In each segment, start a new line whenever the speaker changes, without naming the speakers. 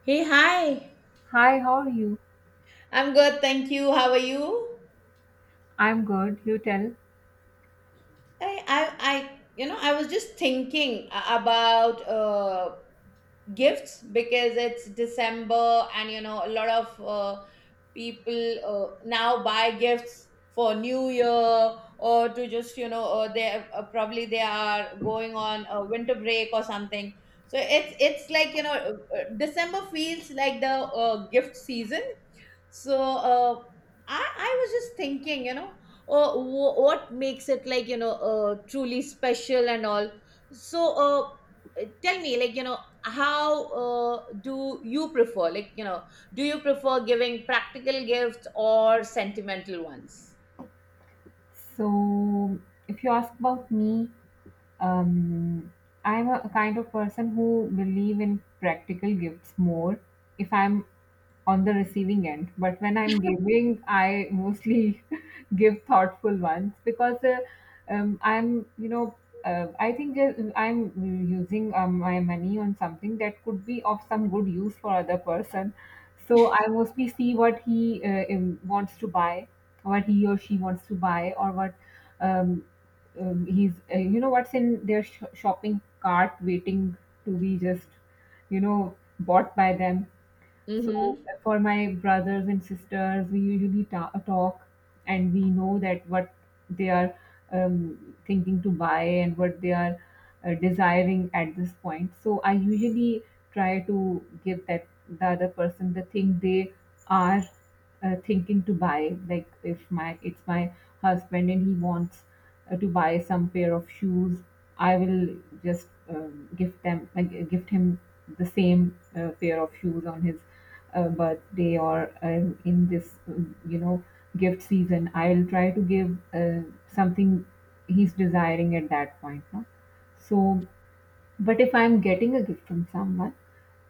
Hey, hi.
Hi, how are you?
I'm good, thank you. How are you?
I'm good. You tell.
I you know, I was just thinking about gifts because it's December and you know, a lot of people now buy gifts for New Year or to just you know, or they probably they are going on a winter break or something. So it's like you know, December feels like the gift season. So I was just thinking, you know, what makes it like, you know, truly special and all. So tell me, like, you know, how do you prefer? Like, you know, do you prefer giving practical gifts or sentimental ones?
So, if you ask about me, um, I'm a kind of person who believe in practical gifts more if I'm on the receiving end. But when I'm giving, I mostly give thoughtful ones because um, I'm, you know, I think that I'm using my money on something that could be of some good use for other person. So I mostly see what he wants to buy, what he or she wants to buy, or what um, he's you know what's in their shopping cart waiting to be just bought by them, so for my brothers and sisters we usually talk, and we know that what they are thinking to buy and what they are desiring at this point, so I usually try to give that, the other person, the thing they are thinking to buy. Like, if my it's my husband and he wants to buy some pair of shoes, I will just gift him the same pair of shoes on his birthday or in this, gift season. I will try to give something he's desiring at that point. No? So, but if I'm getting a gift from someone,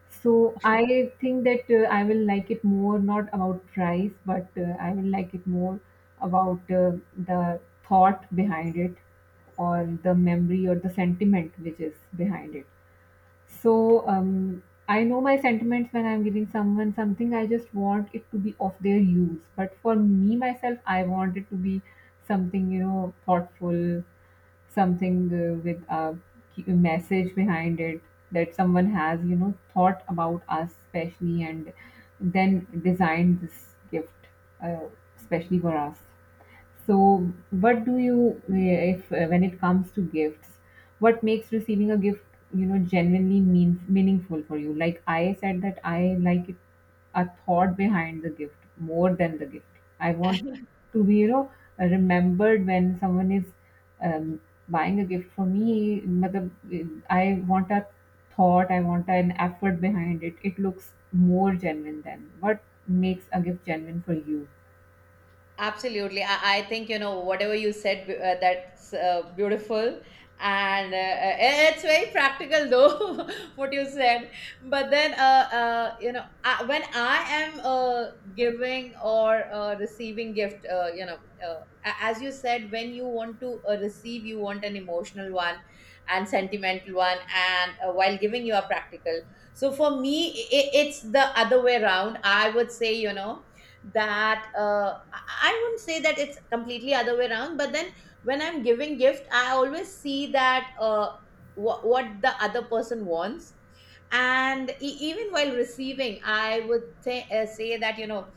so I think that I will like it more, not about price, but I will like it more about the thought behind it, or the memory, or the sentiment which is behind it. So I know my sentiments when I'm giving someone something. I just want it to be of their use. But for me myself, I want it to be something, thoughtful, something with a a message behind it, that someone has thought about us specially and then designed this gift uh, especially for us. So, what do you, eh, if eh, when it comes to gifts, what makes receiving a gift, genuinely meaningful for you? Like I said, that I like it, a thought behind the gift more than the gift. I want to be, remembered when someone is um, buying a gift for me. Matlab, I want a thought, I want an effort behind it. It looks more genuine than what makes a gift genuine for you.
Absolutely. I think, you know, whatever you said, that's beautiful. And it's very practical, though, what you said. But then, you know, I, when I am giving or receiving gift, you know, as you said, when you want to receive, you want an emotional one and sentimental one. And while giving, you are practical. So for me, it's the other way around. I would say, you know, that I wouldn't say that it's completely other way around, but then when I'm giving gift I always see that what the other person wants, and even while receiving I would say say that you know,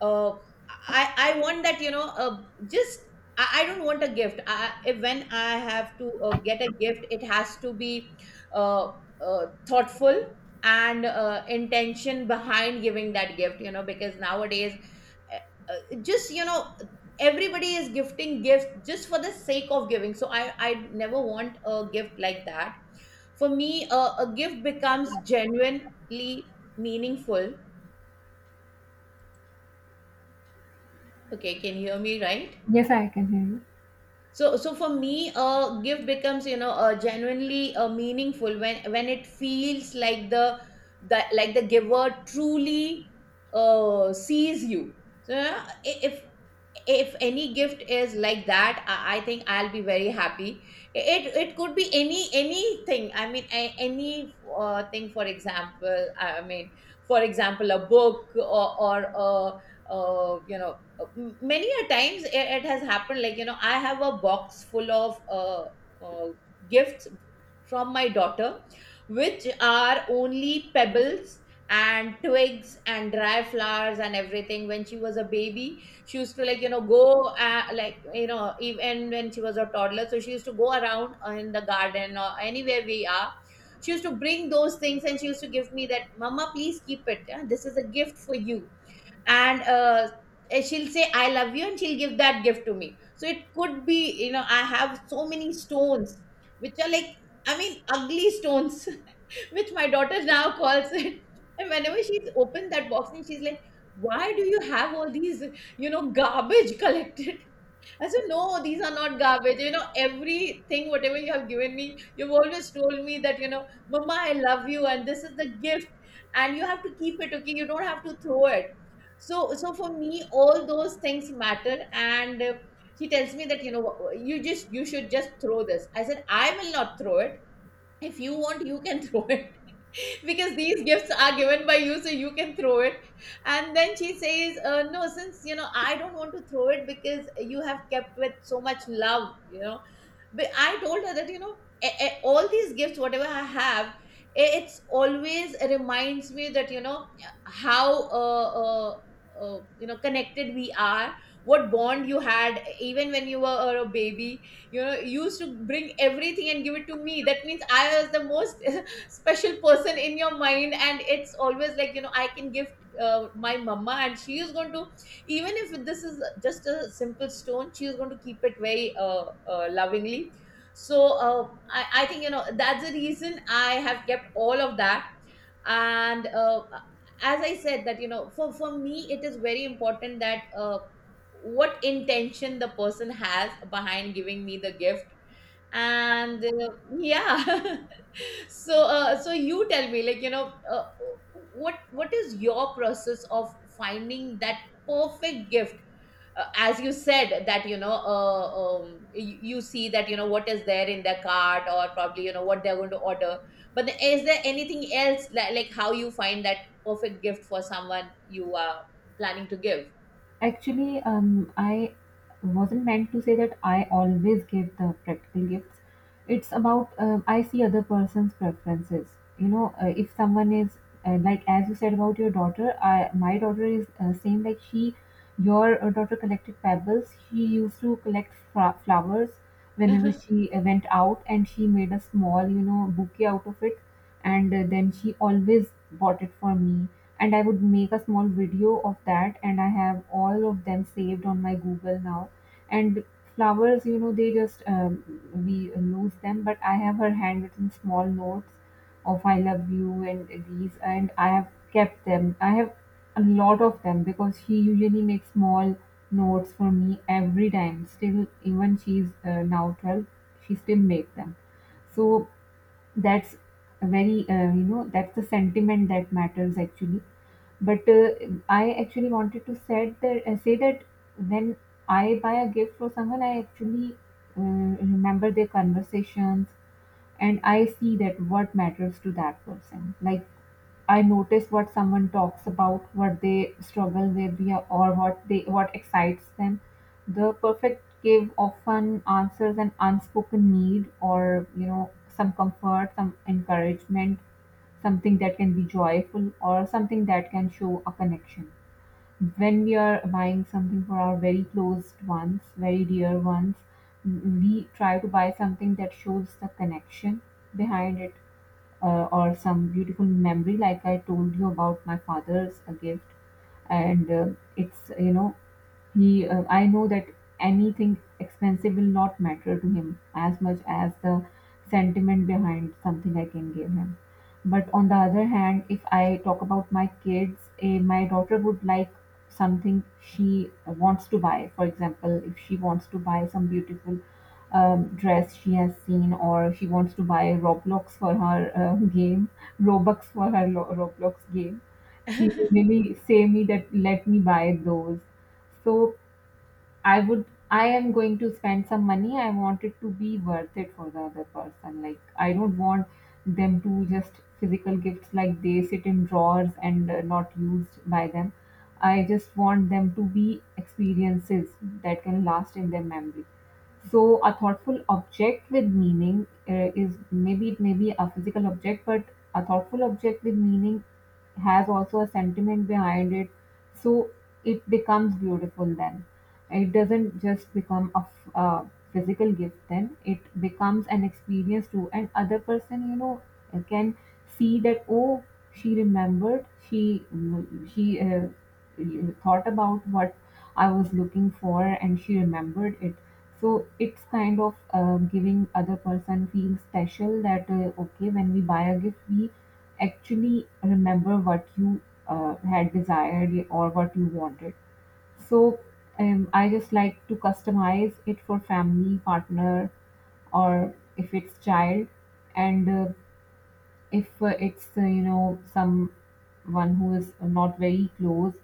uh, I want that you know just I don't want a gift, I, if when I have to get a gift it has to be uh, thoughtful and intention behind giving that gift, you know, because nowadays uh, just you know everybody is gifting gifts just for the sake of giving, so I never want a gift like that. For me a gift becomes genuinely meaningful. Okay, can you hear me right?
Yes, I can hear you.
So for me a gift becomes, you know, genuinely meaningful when it feels like the like the giver truly sees you. So yeah, i- if if any gift is like that, I think I'll be very happy. It could be anything, I mean any thing, for example. I mean for example a book or you know, many a times it has happened, like, you know, I have a box full of uh, gifts from my daughter, which are only pebbles and twigs and dry flowers and everything. When she was a baby she used to, like, you know, go like you know, even when she was a toddler, so she used to go around in the garden or anywhere we are, she used to bring those things and she used to give me that, Mama, please keep it, yeah? This is a gift for you. And and she'll say, I love you, and she'll give that gift to me. So it could be, you know, I have so many stones which are like, I mean, ugly stones which my daughter now calls it. And whenever she's opened that box and she's like, why do you have all these, you know, garbage collected? I said, no, these are not garbage. You know, everything, whatever you have given me, you've always told me that, you know, Mama, I love you and this is the gift and you have to keep it, okay? You don't have to throw it. So, so for me, all those things matter. And she tells me that, you know, you just, you should just throw this. I said, I will not throw it. If you want, you can throw it because these gifts are given by you so you can throw it. And then she says no, since, you know, I don't want to throw it because you have kept with so much love, you know. But I told her that, you know, all these gifts, whatever I have, it's always reminds me that, you know, how you know, connected we are, what bond you had even when you were a baby. You know, you used to bring everything and give it to me, that means I was the most special person in your mind, and it's always like, you know, I can gift my mama and she is going to, even if this is just a simple stone, she is going to keep it very lovingly. So I think, you know, that's the reason I have kept all of that. And as I said that, you know, for me it is very important that what intention the person has behind giving me the gift. And yeah. So so you tell me, like, you know, what what is your process of finding that perfect gift. As you said that, you know, you see that you know what is there in their cart or probably you know what they're going to order. But is there anything else, like how you find that perfect gift for someone you are planning to give?
Actually, I wasn't meant to say that I always give the practical gifts. It's about I see other person's preferences. You know, if someone is like as you said about your daughter, I my daughter is same like she. Your daughter collected pebbles. She used to collect flowers whenever she went out, and she made a small, bouquet out of it, and then she always bought it for me. And I would make a small video of that, and I have all of them saved on my Google now. And flowers, you know they just we lose them, but I have her handwritten small notes of "I love you" and these, and I have kept them. I have a lot of them because she usually makes small notes for me every time. Still, even she's now 12, she still makes them. So, that's a very you know that's the sentiment that matters, actually. But I actually wanted to said that say that, when I buy a gift for someone, I actually uh, remember their conversations, and I see that what matters to that person. Like, I notice what someone talks about, what they struggle with, yeah, or what excites them. The perfect give often answers an unspoken need, or, some comfort, some encouragement, something that can be joyful, or something that can show a connection. When we are buying something for our very close ones, very dear ones, we try to buy something that shows the connection behind it, or some beautiful memory, like I told you about my father's gift. And it's, you know, he, I know that anything expensive will not matter to him as much as the sentiment behind something I can give him. But on the other hand, if I talk about my kids, my daughter would like something she wants to buy. For example, if she wants to buy some beautiful dress she has seen, or she wants to buy Roblox for her game, Robux for her Roblox game, she would really say me that let me buy those. So I am going to spend some money. I want it to be worth it for the other person. Like, I don't want them to just physical gifts, like they sit in drawers and not used by them. I just want them to be experiences that can last in their memory. So, a thoughtful object with meaning is, maybe it may be a physical object, but a thoughtful object with meaning has also a sentiment behind it, so it becomes beautiful. Then it doesn't just become a physical gift. Then it becomes an experience too, and other person, can see that, oh, she remembered, she thought about what I was looking for, and she remembered it. So, it's kind of giving other person feel special that, okay, when we buy a gift, we actually remember what you had desired, or what you wanted. So I just like to customize it for family, partner, or if it's child. And if it's someone who is not very close,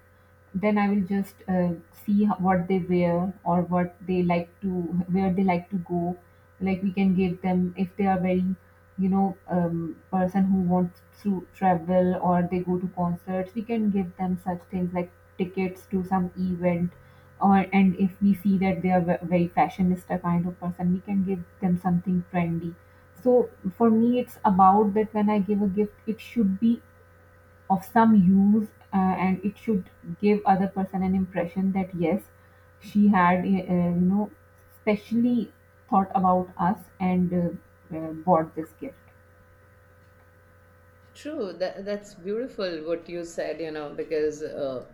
then I will just see what they wear, or what they like to where they like to go. Like, we can give them, if they are very person who wants to travel, or they go to concerts, we can give them such things like tickets to some event. Or and if we see that they are very fashionista kind of person, we can give them something trendy. So, for me, it's about that when I give a gift, it should be of some use, and it should give other person an impression that yes, she had specially thought about us and bought this gift.
True, that that's beautiful what you said, you know, because uh,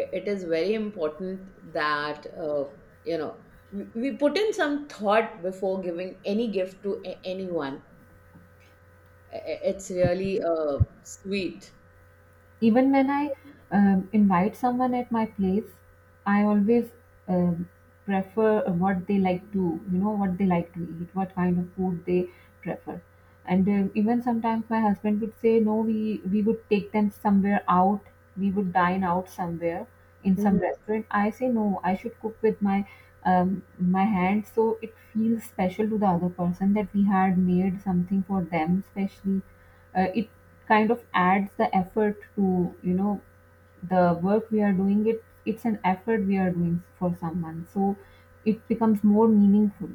i- it is very important that you know, we put in some thought before giving any gift to anyone. It's really sweet.
Even when I invite someone at my place, I always um, prefer what they like to, what they like to eat, what kind of food they prefer. And even sometimes my husband would say, no, we would take them somewhere out, we would dine out somewhere in some
Hmm.
restaurant. I say, no, I should cook with my hand, so it feels special to the other person that we had made something for them, specially. It kind of adds the effort to, the work we are doing. It's an effort we are doing for someone, so it becomes more meaningful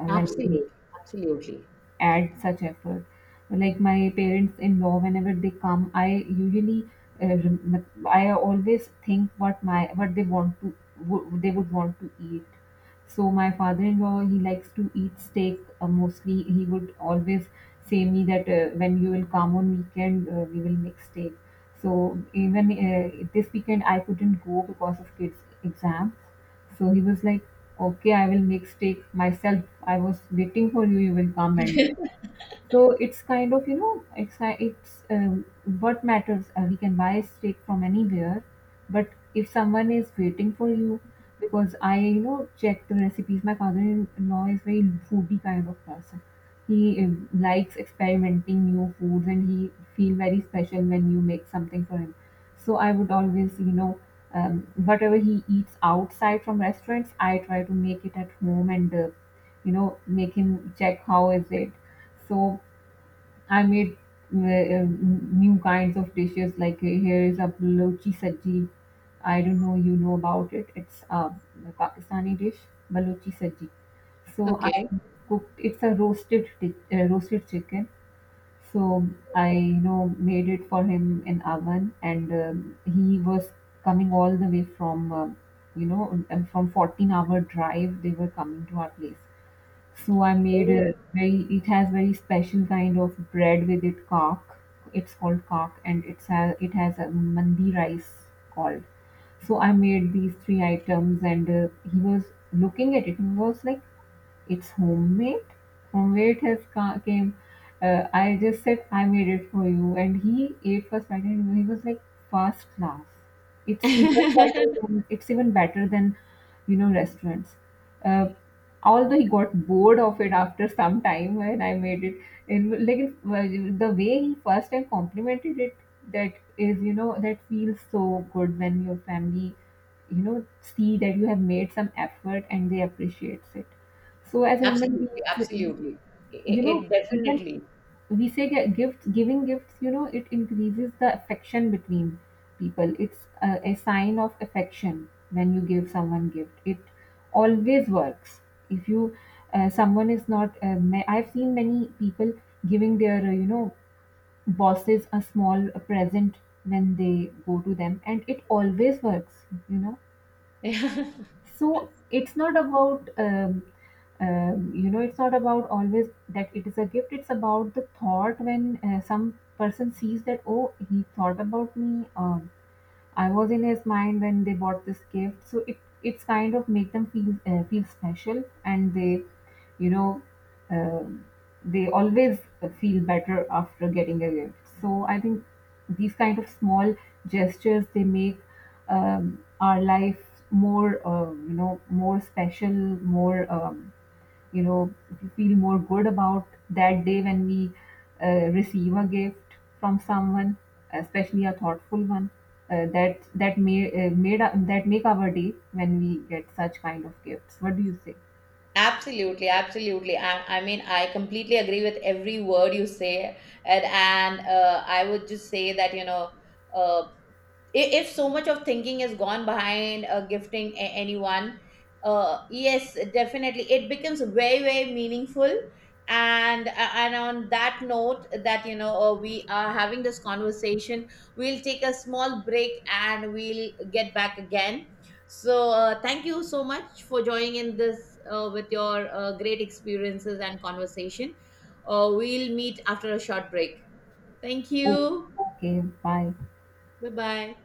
when we
Absolutely, absolutely.
add such effort. Like, my parents in law, whenever they come, I always think what my what they want to, they would want to eat. So my father-in-law, he likes to eat steak, mostly. He would always say me that, when you will come on weekend, we will make steak. So even this weekend I couldn't go because of kids' exams. So he was like, okay, I will make steak myself. I was waiting for you. You will come and do. So it's kind of, you know, it's ki- it's what matters. We can buy a steak from anywhere, but if someone is waiting for you, because I, check the recipes. My father-in-law is very foodie kind of person. He likes experimenting new foods, and he feel very special when you make something for him. So I would always, whatever he eats outside from restaurants, I try to make it at home and make him check how is it. So I made new kinds of dishes. Like, here is a Balochi saji. I don't know you know about it. It's a Pakistani dish, Balochi saji. So I
Okay.
cooked. It's a roasted chicken. So I, made it for him in oven, and he was coming all the way from 14-hour drive. They were coming to our place. So I made a
Oh.
very, it has very special kind of bread with it, kak. It's called kak, and it has a mandi rice called. So I made these three items, and he was looking at it. He was like, it's homemade. Homemade has came. I just said I made it for you, and he ate first bite, and he was like, first class. It's even better than, restaurants. Uh, Although he got bored of it after some time when I made it, and, like, well, the way he first time complimented it, that is, that feels so good when your family, see that you have made some effort and they appreciates it. So, as a human
Absolutely,
beings,
absolutely.
you know,
It
even
definitely.
we say that giving gifts, it increases the affection between people. It's a sign of affection when you give someone gift. It always works. If you, someone is not, I've seen many people giving their, bosses a small present when they go to them, and it always works. You know, so it's not about always that it is a gift. It's about the thought when, some person sees that, oh, he thought about me. I was in his mind when they bought this gift. So it's kind of make them feel feel special, and you know, um they always feel better after getting a gift. So I think these kind of small gestures they make our life more, more special, more. You know we feel more good about that day when we receive a gift from someone, especially a thoughtful one, that that make our day when we get such kind of gifts. What do you say?
Absolutely, absolutely. I mean, I completely agree with every word you say, and I would just say that, you know, uh, if so much of thinking is gone behind gifting anyone, yes, definitely it becomes very, very meaningful. And and on that note that, you know, we are having this conversation, we'll take a small break and we'll get back again. So thank you so much for joining in this with your great experiences and conversation. We'll meet after a short break. Thank
Oh,
you.
okay, bye.
Bye bye.